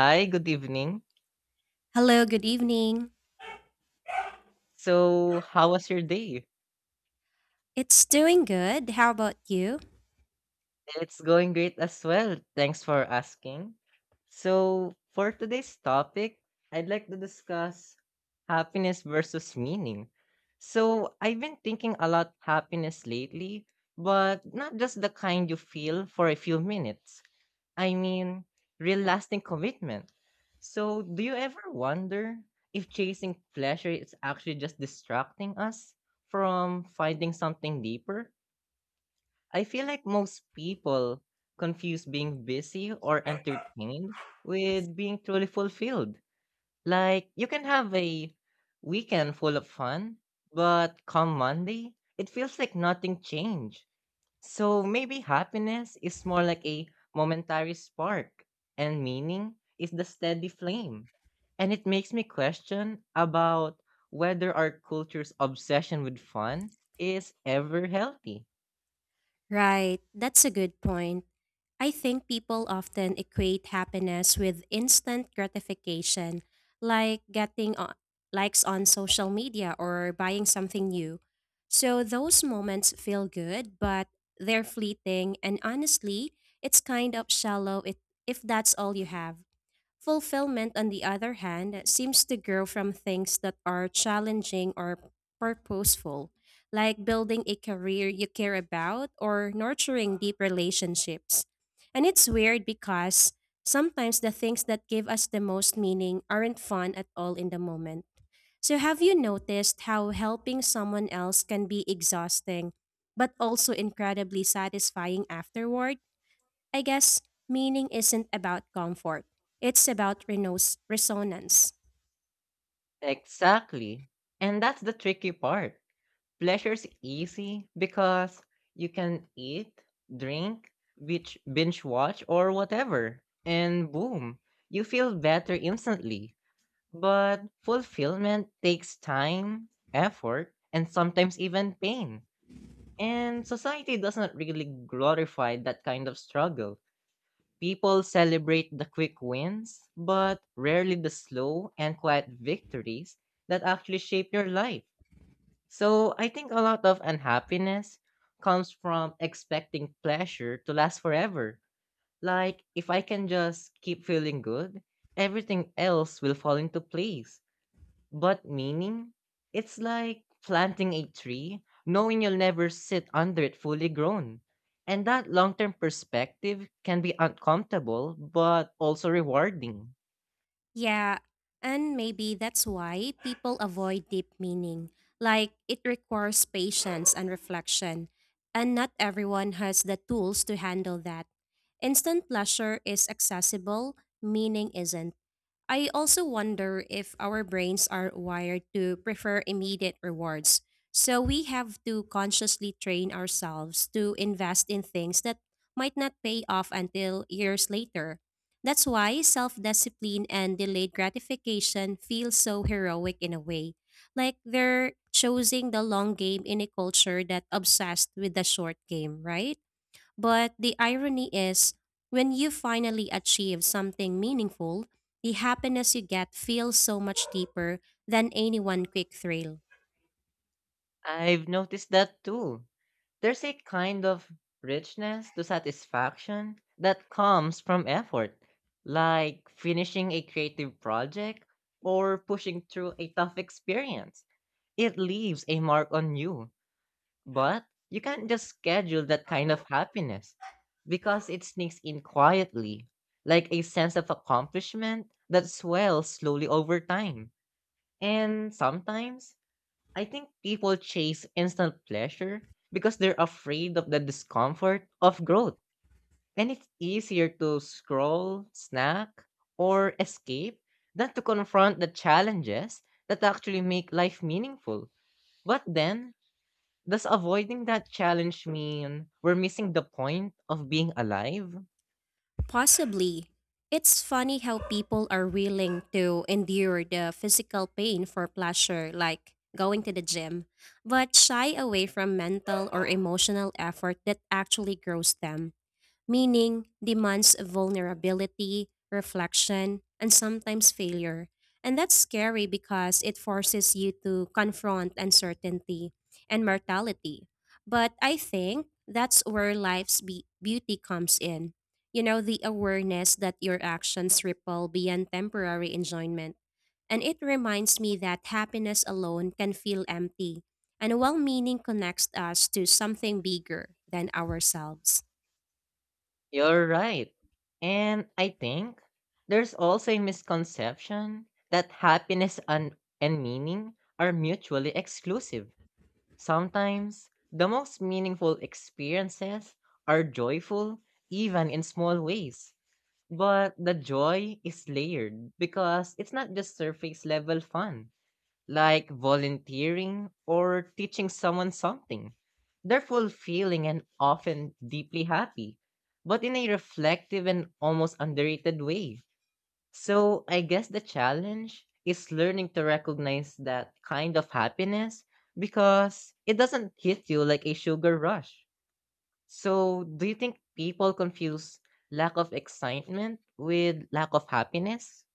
Hi, good evening. Hello, good evening. So, how was your day? It's doing good. How about you? It's going great as well. Thanks for asking. So, for today's topic, I'd like to discuss happiness versus meaning. So, I've been thinking a lot happiness lately, but not just the kind you feel for a few minutes. I mean, real lasting commitment. So, do you ever wonder if chasing pleasure is actually just distracting us from finding something deeper? I feel like most people confuse being busy or entertained with being truly fulfilled. Like, you can have a weekend full of fun, but come Monday, it feels like nothing changed. So maybe happiness is more like a momentary spark, and meaning is the steady flame. And it makes me question about whether our culture's obsession with fun is ever healthy. Right, that's a good point. I think people often equate happiness with instant gratification, like getting likes on social media or buying something new. So those moments feel good, but they're fleeting, and honestly, it's kind of shallow if that's all you have. Fulfillment, on the other hand, seems to grow from things that are challenging or purposeful, like building a career you care about or nurturing deep relationships. And it's weird because sometimes the things that give us the most meaning aren't fun at all in the moment. So, have you noticed how helping someone else can be exhausting, but also incredibly satisfying afterward? I guess meaning isn't about comfort, it's about resonance. Exactly. And that's the tricky part. Pleasure's easy because you can eat, drink, bitch, binge watch, or whatever. And boom, you feel better instantly. But fulfillment takes time, effort, and sometimes even pain. And society doesn't really glorify that kind of struggle. People celebrate the quick wins, but rarely the slow and quiet victories that actually shape your life. So I think a lot of unhappiness comes from expecting pleasure to last forever. Like, if I can just keep feeling good, everything else will fall into place. But meaning? It's like planting a tree, knowing you'll never sit under it fully grown. And that long term perspective can be uncomfortable, but also rewarding. Yeah, and maybe that's why people avoid deep meaning. Like, it requires patience and reflection, and not everyone has the tools to handle that. Instant pleasure is accessible, meaning isn't. I also wonder if our brains are wired to prefer immediate rewards. So we have to consciously train ourselves to invest in things that might not pay off until years later. That's why self discipline and delayed gratification feel so heroic in a way. Like they're choosing the long game in a culture that obsessed with the short game, right? But the irony is, when you finally achieve something meaningful, the happiness you get feels so much deeper than any one quick thrill. I've noticed that too. There's a kind of richness to satisfaction that comes from effort, like finishing a creative project or pushing through a tough experience. It leaves a mark on you. But you can't just schedule that kind of happiness because it sneaks in quietly, like a sense of accomplishment that swells slowly over time. And sometimes I think people chase instant pleasure because they're afraid of the discomfort of growth. And it's easier to scroll, snack, or escape than to confront the challenges that actually make life meaningful. But then does avoiding that challenge mean we're missing the point of being alive? Possibly. It's funny how people are willing to endure the physical pain for pleasure, like going to the gym, but shy away from mental or emotional effort that actually grows them. Meaning demands vulnerability, reflection, and sometimes failure. And that's scary because it forces you to confront uncertainty and mortality. But I think that's where beauty comes in. You know, the awareness that your actions ripple beyond temporary enjoyment. And it reminds me that happiness alone can feel empty, and well meaning connects us to something bigger than ourselves. You're right. And I think there's also a misconception that happiness and meaning are mutually exclusive. Sometimes the most meaningful experiences are joyful, even in small ways. But the joy is layered because it's not just surface level fun like volunteering or teaching someone something. They're fulfilling and often deeply happy, but in a reflective and almost underrated way. So I guess the challenge is learning to recognize that kind of happiness because it doesn't hit you like a sugar rush. So do you think people confuse lack of excitement with lack of happiness?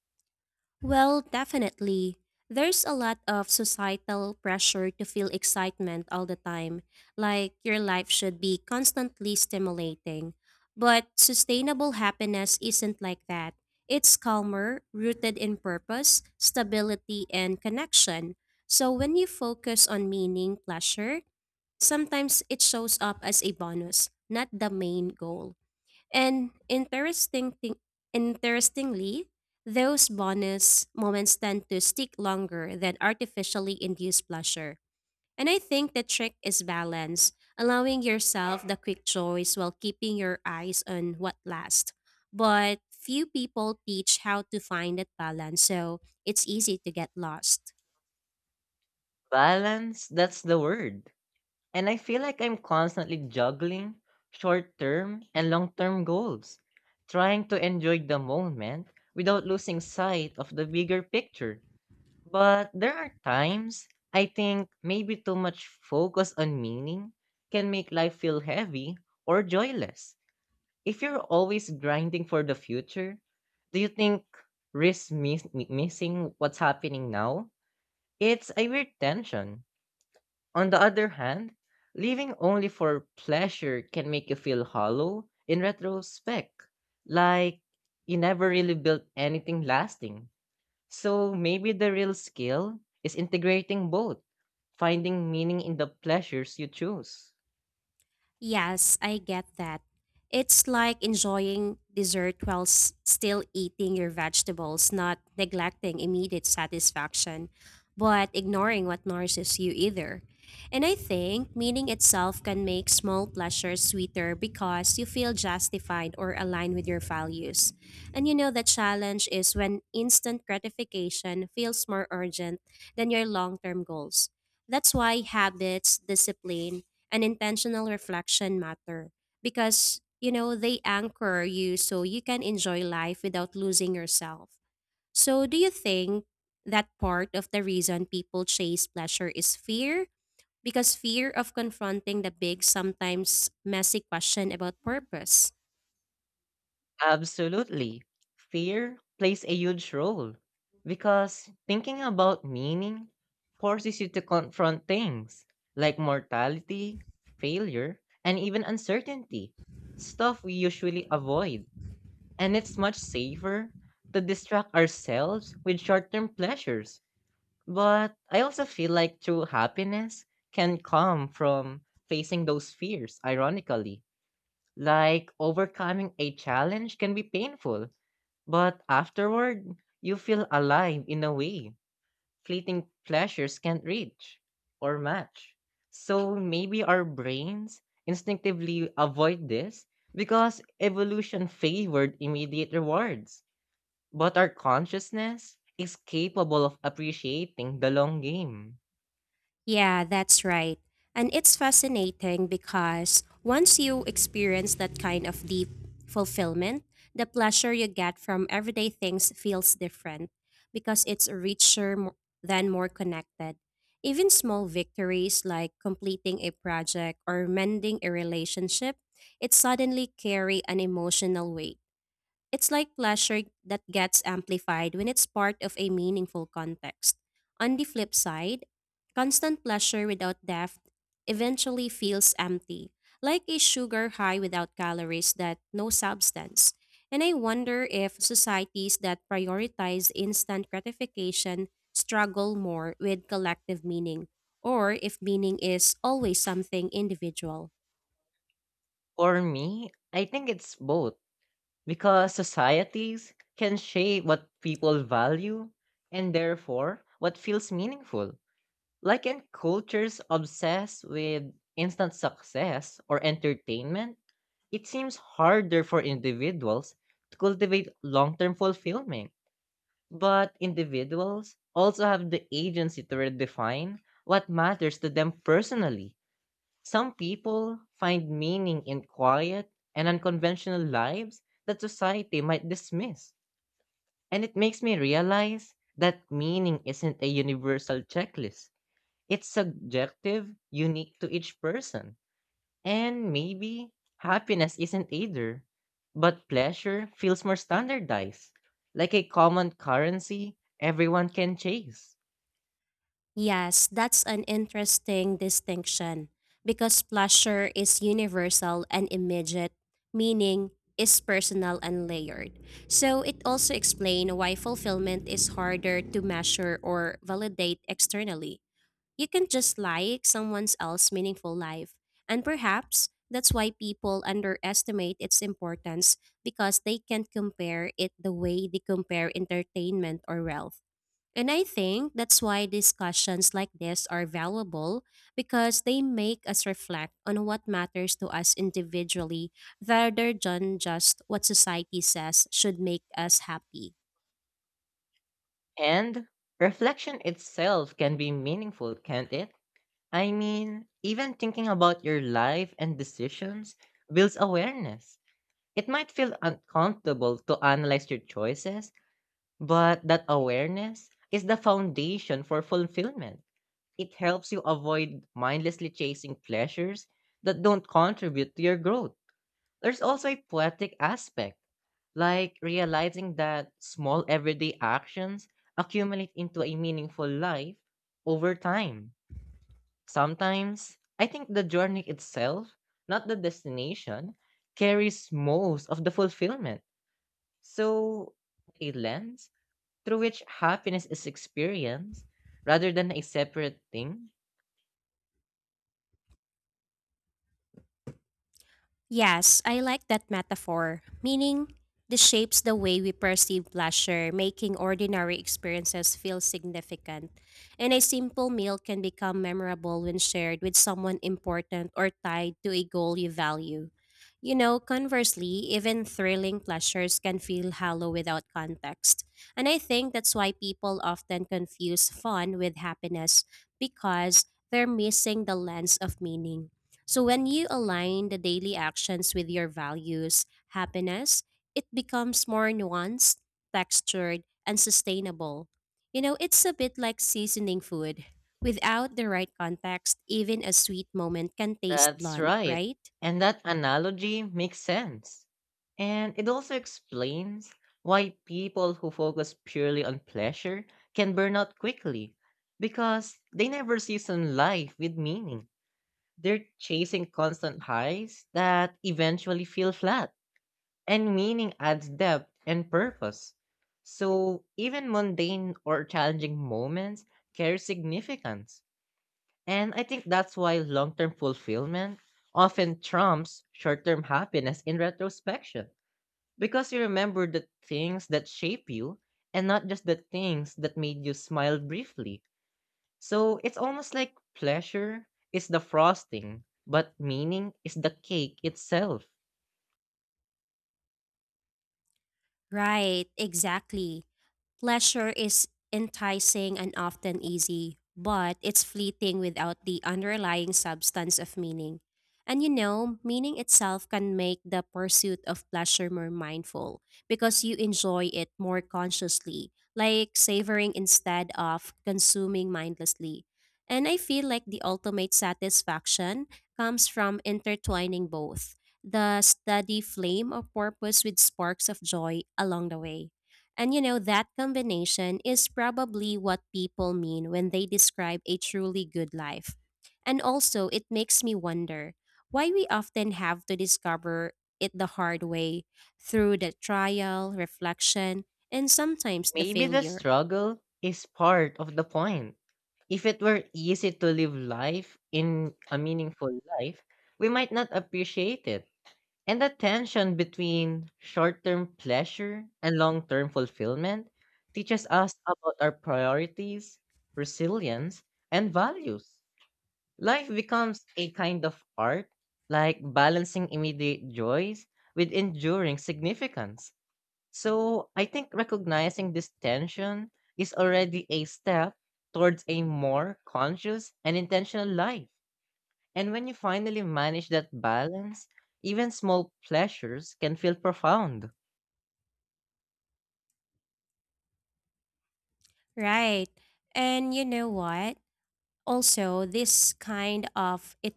Well, definitely. There's a lot of societal pressure to feel excitement all the time, like your life should be constantly stimulating. But sustainable happiness isn't like that. It's calmer, rooted in purpose, stability, and connection. So when you focus on meaning, pleasure, sometimes it shows up as a bonus, not the main goal. And interestingly, those bonus moments tend to stick longer than artificially induced pleasure. And I think the trick is balance, allowing yourself the quick joys while keeping your eyes on what lasts. But few people teach how to find that balance, so it's easy to get lost. Balance, that's the word. And I feel like I'm constantly juggling short term and long term goals, trying to enjoy the moment without losing sight of the bigger picture. But there are times I think maybe too much focus on meaning can make life feel heavy or joyless. If you're always grinding for the future, do you think missing what's happening now? It's a weird tension on the other hand, living only for pleasure can make you feel hollow in retrospect, like you never really built anything lasting. So maybe the real skill is integrating both, finding meaning in the pleasures you choose. Yes, I get that. It's like enjoying dessert while still eating your vegetables, not neglecting immediate satisfaction, but ignoring what nourishes you either. And I think meaning itself can make small pleasures sweeter because you feel justified or aligned with your values. And you know, the challenge is when instant gratification feels more urgent than your long term goals. That's why habits, discipline, and intentional reflection matter because you know they anchor you so you can enjoy life without losing yourself. So do you think that part of the reason people chase pleasure is fear, because fear of confronting the big sometimes messy question about purpose? Absolutely. Fear plays a huge role because thinking about meaning forces you to confront things like mortality, failure, and even uncertainty, stuff we usually avoid. And it's much safer to distract ourselves with short term pleasures. But I also feel like true happiness can come from facing those fears, ironically. Like overcoming a challenge can be painful, but afterward, you feel alive in a way fleeting pleasures can't reach or match. So maybe our brains instinctively avoid this because evolution favored immediate rewards. But our consciousness is capable of appreciating the long game. Yeah, that's right. And it's fascinating because once you experience that kind of deep fulfillment, the pleasure you get from everyday things feels different because it's than more connected. Even small victories like completing a project or mending a relationship, it suddenly carry an emotional weight. It's like pleasure that gets amplified when it's part of a meaningful context. On the flip side, constant pleasure without depth eventually feels empty, like a sugar high without calories, that no substance. And I wonder if societies that prioritize instant gratification struggle more with collective meaning, or if meaning is always something individual. For me, I think it's both. Because societies can shape what people value and therefore what feels meaningful. Like in cultures obsessed with instant success or entertainment, it seems harder for individuals to cultivate long term fulfillment. But individuals also have the agency to redefine what matters to them personally. Some people find meaning in quiet and unconventional lives that society might dismiss. And it makes me realize that meaning isn't a universal checklist. It's subjective, unique to each person. And maybe happiness isn't either. But pleasure feels more standardized, like a common currency everyone can chase. Yes, that's an interesting distinction because pleasure is universal and immediate, meaning is personal and layered. So it also explains why fulfillment is harder to measure or validate externally. You can just like someone else's meaningful life. And perhaps that's why people underestimate its importance because they can't compare it the way they compare entertainment or wealth. And I think that's why discussions like this are valuable because they make us reflect on what matters to us individually rather than just what society says should make us happy. And reflection itself can be meaningful, can't it? I mean, even thinking about your life and decisions builds awareness. It might feel uncomfortable to analyze your choices, but that awareness is the foundation for fulfillment. It helps you avoid mindlessly chasing pleasures that don't contribute to your growth. There's also a poetic aspect, like realizing that small everyday actions accumulate into a meaningful life over time. Sometimes, I think the journey itself, not the destination, carries most of the fulfillment. So, a lens through which happiness is experienced rather than a separate thing. Yes, I like that metaphor, meaning this shapes the way we perceive pleasure, making ordinary experiences feel significant. And a simple meal can become memorable when shared with someone important or tied to a goal you value. You know, conversely, even thrilling pleasures can feel hollow without context. And I think that's why people often confuse fun with happiness because they're missing the lens of meaning. So when you align the daily actions with your values, happiness, it becomes more nuanced, textured, and sustainable. You know, it's a bit like seasoning food. Without the right context, even a sweet moment can taste That's blunt, right. right? And that analogy makes sense. And it also explains why people who focus purely on pleasure can burn out quickly because they never season life with meaning. They're chasing constant highs that eventually feel flat, and meaning adds depth and purpose. So even mundane or challenging moments carry significance. And I think that's why long term fulfillment often trumps short term happiness in retrospection. Because you remember the things that shape you and not just the things that made you smile briefly. So it's almost like pleasure is the frosting, but meaning is the cake itself. Right, exactly. Pleasure is enticing and often easy, but it's fleeting without the underlying substance of meaning. And you know, meaning itself can make the pursuit of pleasure more mindful because you enjoy it more consciously, like savoring instead of consuming mindlessly. And I feel like the ultimate satisfaction comes from intertwining both the steady flame of purpose with sparks of joy along the way. And you know, that combination is probably what people mean when they describe a truly good life. And also, it makes me wonder why we often have to discover it the hard way through the trial, reflection, and sometimes the Maybe the failure. struggle is part of the point. If it were easy to live life in a meaningful life, we might not appreciate it. And the tension between short term pleasure and long term fulfillment teaches us about our priorities, resilience, and values. Life becomes a kind of art, like balancing immediate joys with enduring significance. So I think recognizing this tension is already a step towards a more conscious and intentional life. And when you finally manage that balance, even small pleasures can feel profound. Right. And you know what? Also, this kind of it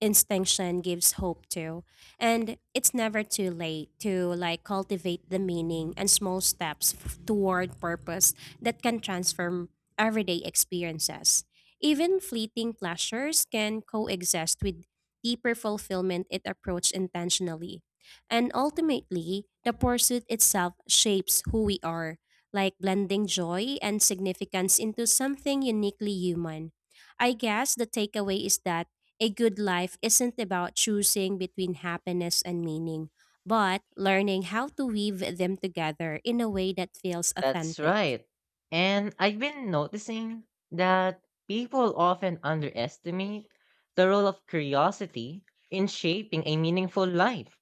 instinction gives hope to. And it's never too late to like cultivate the meaning and small steps toward purpose that can transform everyday experiences. Even fleeting pleasures can coexist with deeper fulfillment if approached intentionally. And ultimately, the pursuit itself shapes who we are, like blending joy and significance into something uniquely human. I guess the takeaway is that a good life isn't about choosing between happiness and meaning, but learning how to weave them together in a way that feels That's authentic. right. And I've been noticing that people often underestimate the role of curiosity in shaping a meaningful life.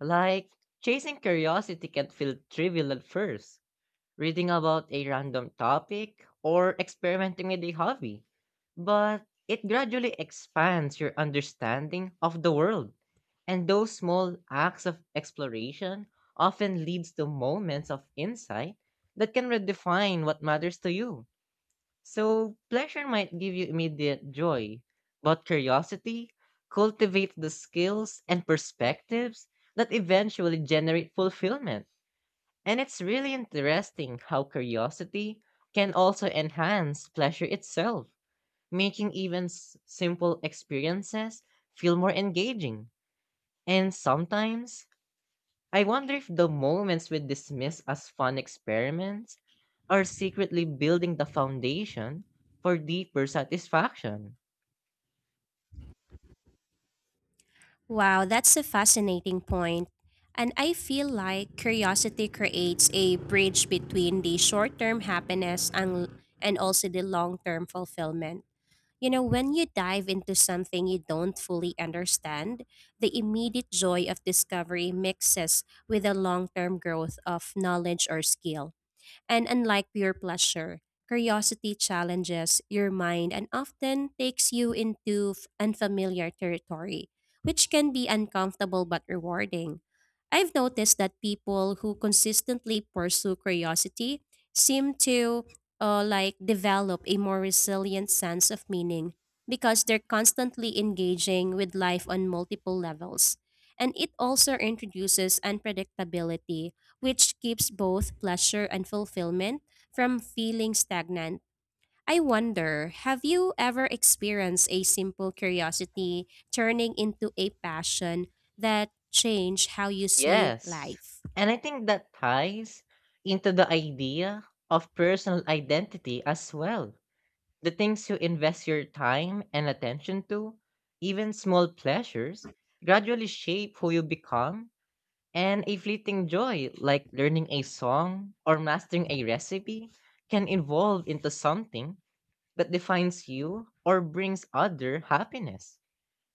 Like, chasing curiosity can feel trivial at first, reading about a random topic, or experimenting with a hobby. But it gradually expands your understanding of the world. And those small acts of exploration often leads to moments of insight that can redefine what matters to you. So pleasure might give you immediate joy, but curiosity cultivates the skills and perspectives that eventually generate fulfillment. And it's really interesting how curiosity can also enhance pleasure itself, making even simple experiences feel more engaging. And sometimes, I wonder if the moments we dismiss as fun experiments are secretly building the foundation for deeper satisfaction. Wow, that's a fascinating point. And I feel like curiosity creates a bridge between the short term happiness and also the long term fulfillment. You know, when you dive into something you don't fully understand, the immediate joy of discovery mixes with the long term growth of knowledge or skill. And unlike pure pleasure, curiosity challenges your mind and often takes you into unfamiliar territory, which can be uncomfortable but rewarding. I've noticed that people who consistently pursue curiosity seem to like develop a more resilient sense of meaning because they're constantly engaging with life on multiple levels. And it also introduces unpredictability which keeps both pleasure and fulfillment from feeling stagnant. I wonder, have you ever experienced a simple curiosity turning into a passion that changed how you see Yes. life? And I think that ties into the idea of personal identity as well. The things you invest your time and attention to, even small pleasures, gradually shape who you become, and a fleeting joy like learning a song or mastering a recipe can evolve into something that defines you or brings other happiness.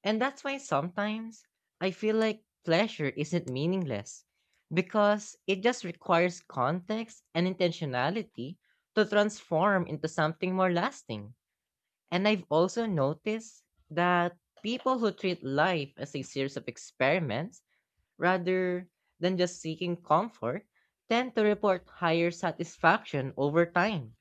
And that's why sometimes I feel like pleasure isn't meaningless because it just requires context and intentionality to transform into something more lasting. And I've also noticed that people who treat life as a series of experiments rather than just seeking comfort tend to report higher satisfaction over time.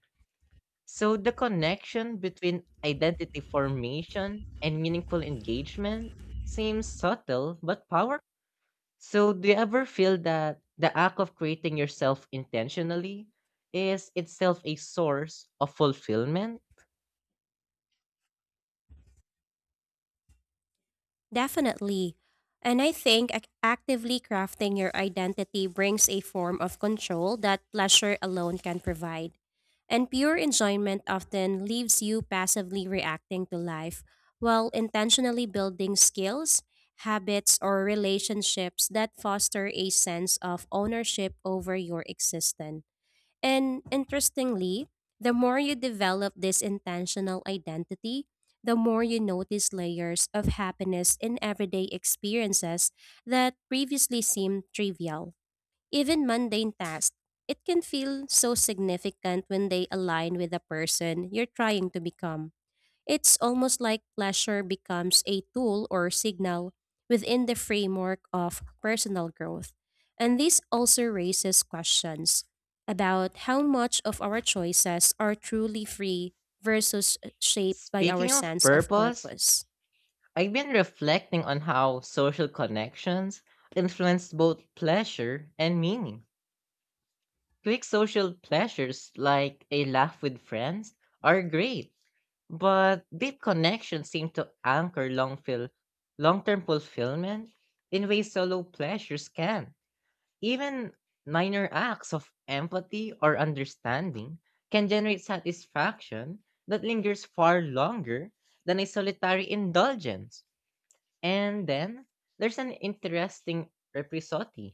So the connection between identity formation and meaningful engagement seems subtle but powerful. So do you ever feel that the act of creating yourself intentionally is itself a source of fulfillment? Definitely. And I think actively crafting your identity brings a form of control that pleasure alone can provide. And pure enjoyment often leaves you passively reacting to life while intentionally building skills, habits, or relationships that foster a sense of ownership over your existence. And interestingly, the more you develop this intentional identity, the more you notice layers of happiness in everyday experiences that previously seemed trivial. Even mundane tasks, it can feel so significant when they align with the person you're trying to become. It's almost like pleasure becomes a tool or signal within the framework of personal growth. And this also raises questions about how much of our choices are truly free versus shaped by our Speaking of sense of purpose, purpose. I've been reflecting on how social connections influence both pleasure and meaning. Quick social pleasures like a laugh with friends are great, but deep connections seem to anchor long-term fulfillment in ways solo pleasures can. Even minor acts of empathy or understanding can generate satisfaction that lingers far longer than a solitary indulgence. And then there's an interesting reprisotti.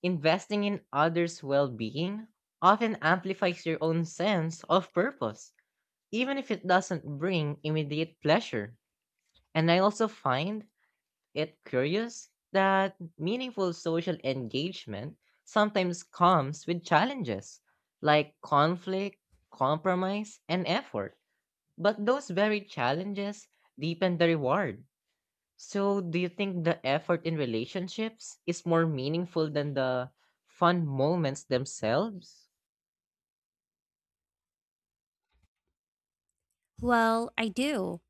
Investing in others' well being often amplifies your own sense of purpose, even if it doesn't bring immediate pleasure. And I also find it curious that meaningful social engagement sometimes comes with challenges like conflict, compromise, and effort. But those very challenges deepen the reward. So, do you think the effort in relationships is more meaningful than the fun moments themselves? Well, I do.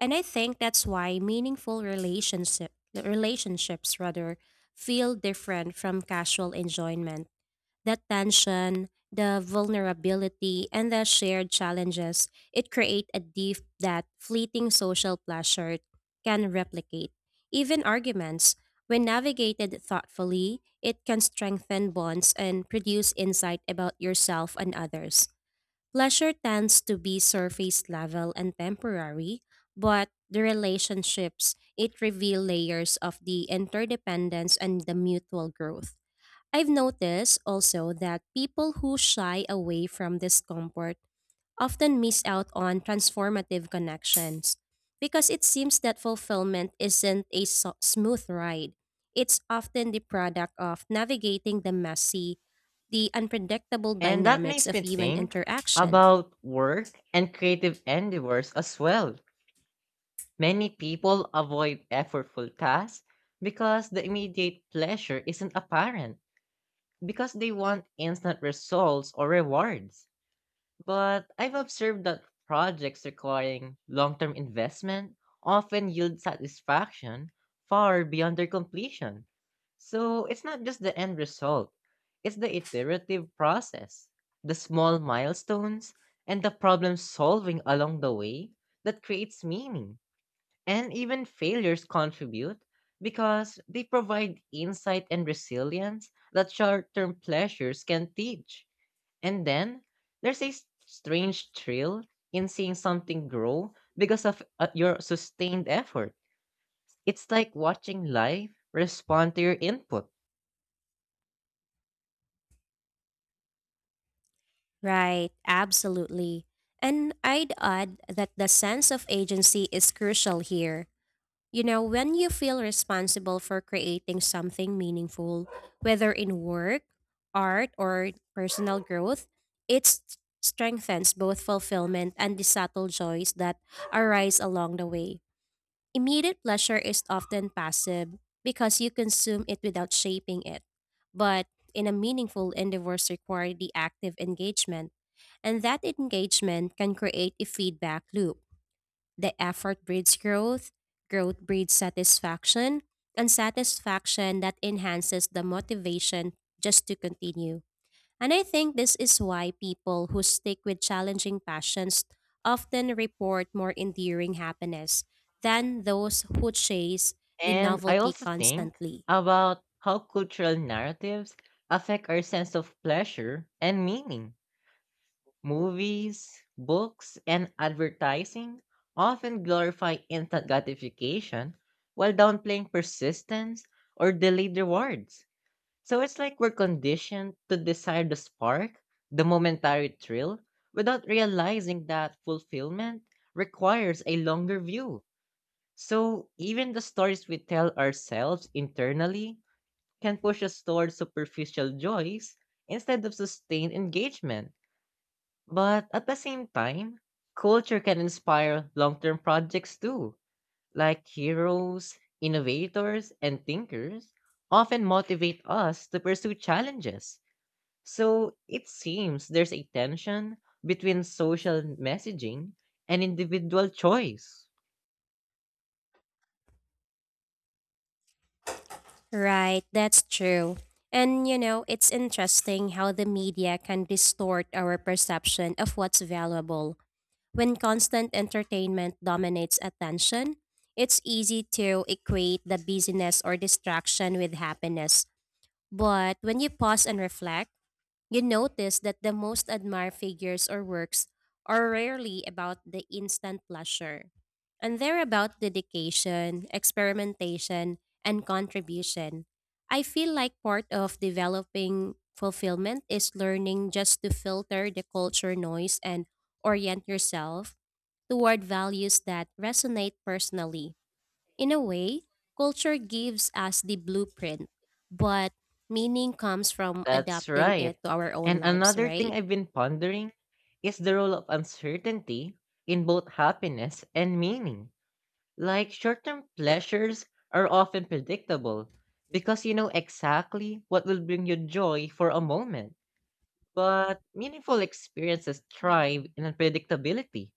And I think that's why meaningful relationships rather feel different from casual enjoyment. That tension, the vulnerability, and the shared challenges, it create a deep that fleeting social pleasure can replicate. Even arguments, when navigated thoughtfully, it can strengthen bonds and produce insight about yourself and others. Pleasure tends to be surface level and temporary, but the relationships, it reveal layers of the interdependence and the mutual growth. I've noticed also that people who shy away from discomfort often miss out on transformative connections because it seems that fulfillment isn't a smooth ride. It's often the product of navigating the messy, the unpredictable And that dynamics makes of me human think interaction. about work and creative endeavors as well. Many people avoid effortful tasks because the immediate pleasure isn't apparent, because they want instant results or rewards. But I've observed that projects requiring long term investment often yield satisfaction far beyond their completion. So it's not just the end result, it's the iterative process, the small milestones, and the problem solving along the way that creates meaning. And even failures contribute because they provide insight and resilience that short term pleasures can teach. And then there's a strange thrill in seeing something grow because of your sustained effort. It's like watching life respond to your input. Right, absolutely. And I'd add that the sense of agency is crucial here. You know, when you feel responsible for creating something meaningful, whether in work, art, or personal growth, it strengthens both fulfillment and the subtle joys that arise along the way. Immediate pleasure is often passive because you consume it without shaping it. But in a meaningful endeavors require the active engagement, and that engagement can create a feedback loop. The effort breeds growth, growth breeds satisfaction, and satisfaction that enhances the motivation just to continue. And I think this is why people who stick with challenging passions often report more enduring happiness than those who chase the And I novelty also think constantly. about how cultural narratives affect our sense of pleasure and meaning. Movies, books, and advertising often glorify instant gratification while downplaying persistence or delayed rewards. So it's like we're conditioned to desire the spark, the momentary thrill, without realizing that fulfillment requires a longer view. So even the stories we tell ourselves internally can push us toward superficial joys instead of sustained engagement. But at the same time, culture can inspire long term projects too, like heroes, innovators, and thinkers often motivate us to pursue challenges. So it seems there's a tension between social messaging and individual choice. Right, that's true. And you know, it's interesting how the media can distort our perception of what's valuable. When constant entertainment dominates attention, it's easy to equate the busyness or distraction with happiness. But when you pause and reflect, you notice that the most admired figures or works are rarely about the instant pleasure, and they're about dedication, experimentation, and contribution. I feel like part of developing fulfillment is learning just to filter the culture noise and orient yourself toward values that resonate personally. In a way, culture gives us the blueprint, but meaning comes from That's adapting right. it to our And own lives, another thing right? I've been pondering is the role of uncertainty in both happiness and meaning. Like short term pleasures are often predictable because you know exactly what will bring you joy for a moment. But meaningful experiences thrive in unpredictability.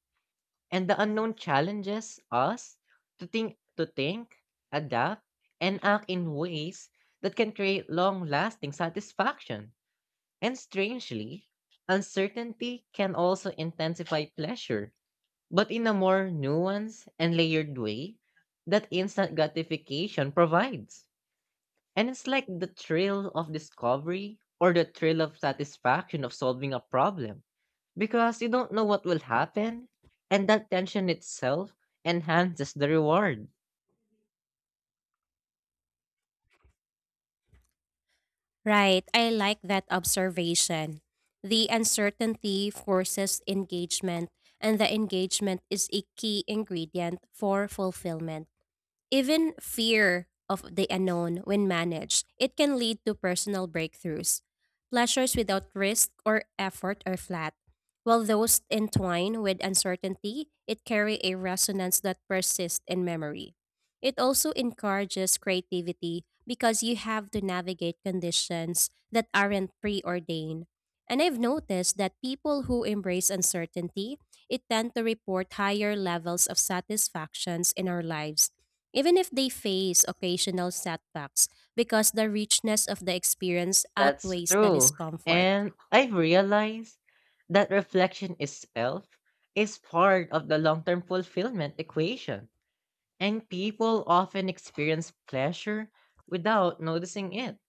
And the unknown challenges us to think, adapt, and act in ways that can create long-lasting satisfaction. And strangely, uncertainty can also intensify pleasure, but in a more nuanced and layered way that instant gratification provides. And it's like the thrill of discovery or the thrill of satisfaction of solving a problem because you don't know what will happen, and that tension itself enhances the reward. Right. I like that observation. The uncertainty forces engagement, and the engagement is a key ingredient for fulfillment. Even fear of the unknown, when managed, it can lead to personal breakthroughs. Pleasures without risk or effort are flat, while those entwined with uncertainty, it carry a resonance that persists in memory. It also encourages creativity because you have to navigate conditions that aren't preordained. And I've noticed that people who embrace uncertainty, it tend to report higher levels of satisfactions in our lives even if they face occasional setbacks because the richness of the experience That's outweighs the true. discomfort. And I've realized that reflection itself is part of the long term fulfillment equation. And people often experience pleasure without noticing it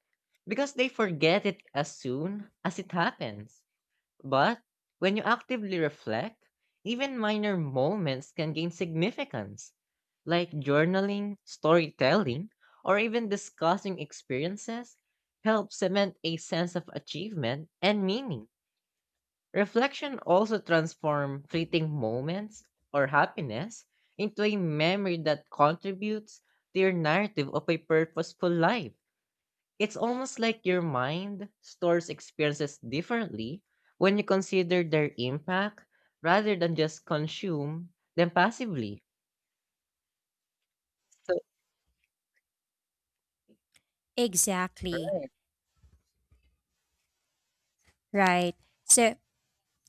because they forget it as soon as it happens. But when you actively reflect, even minor moments can gain significance, like journaling, storytelling, or even discussing experiences help cement a sense of achievement and meaning. Reflection also transforms fleeting moments or happiness into a memory that contributes to your narrative of a purposeful life. It's almost like your mind stores experiences differently when you consider their impact rather than just consume them passively. So, Exactly. Right. So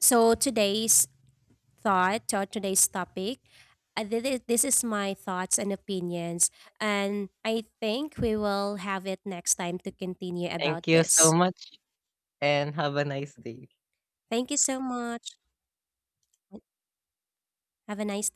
so today's thought or today's topic this is my thoughts and opinions and I think we will have it next time to continue about thank you so this. much and have a nice day. Thank you so much. Have a nice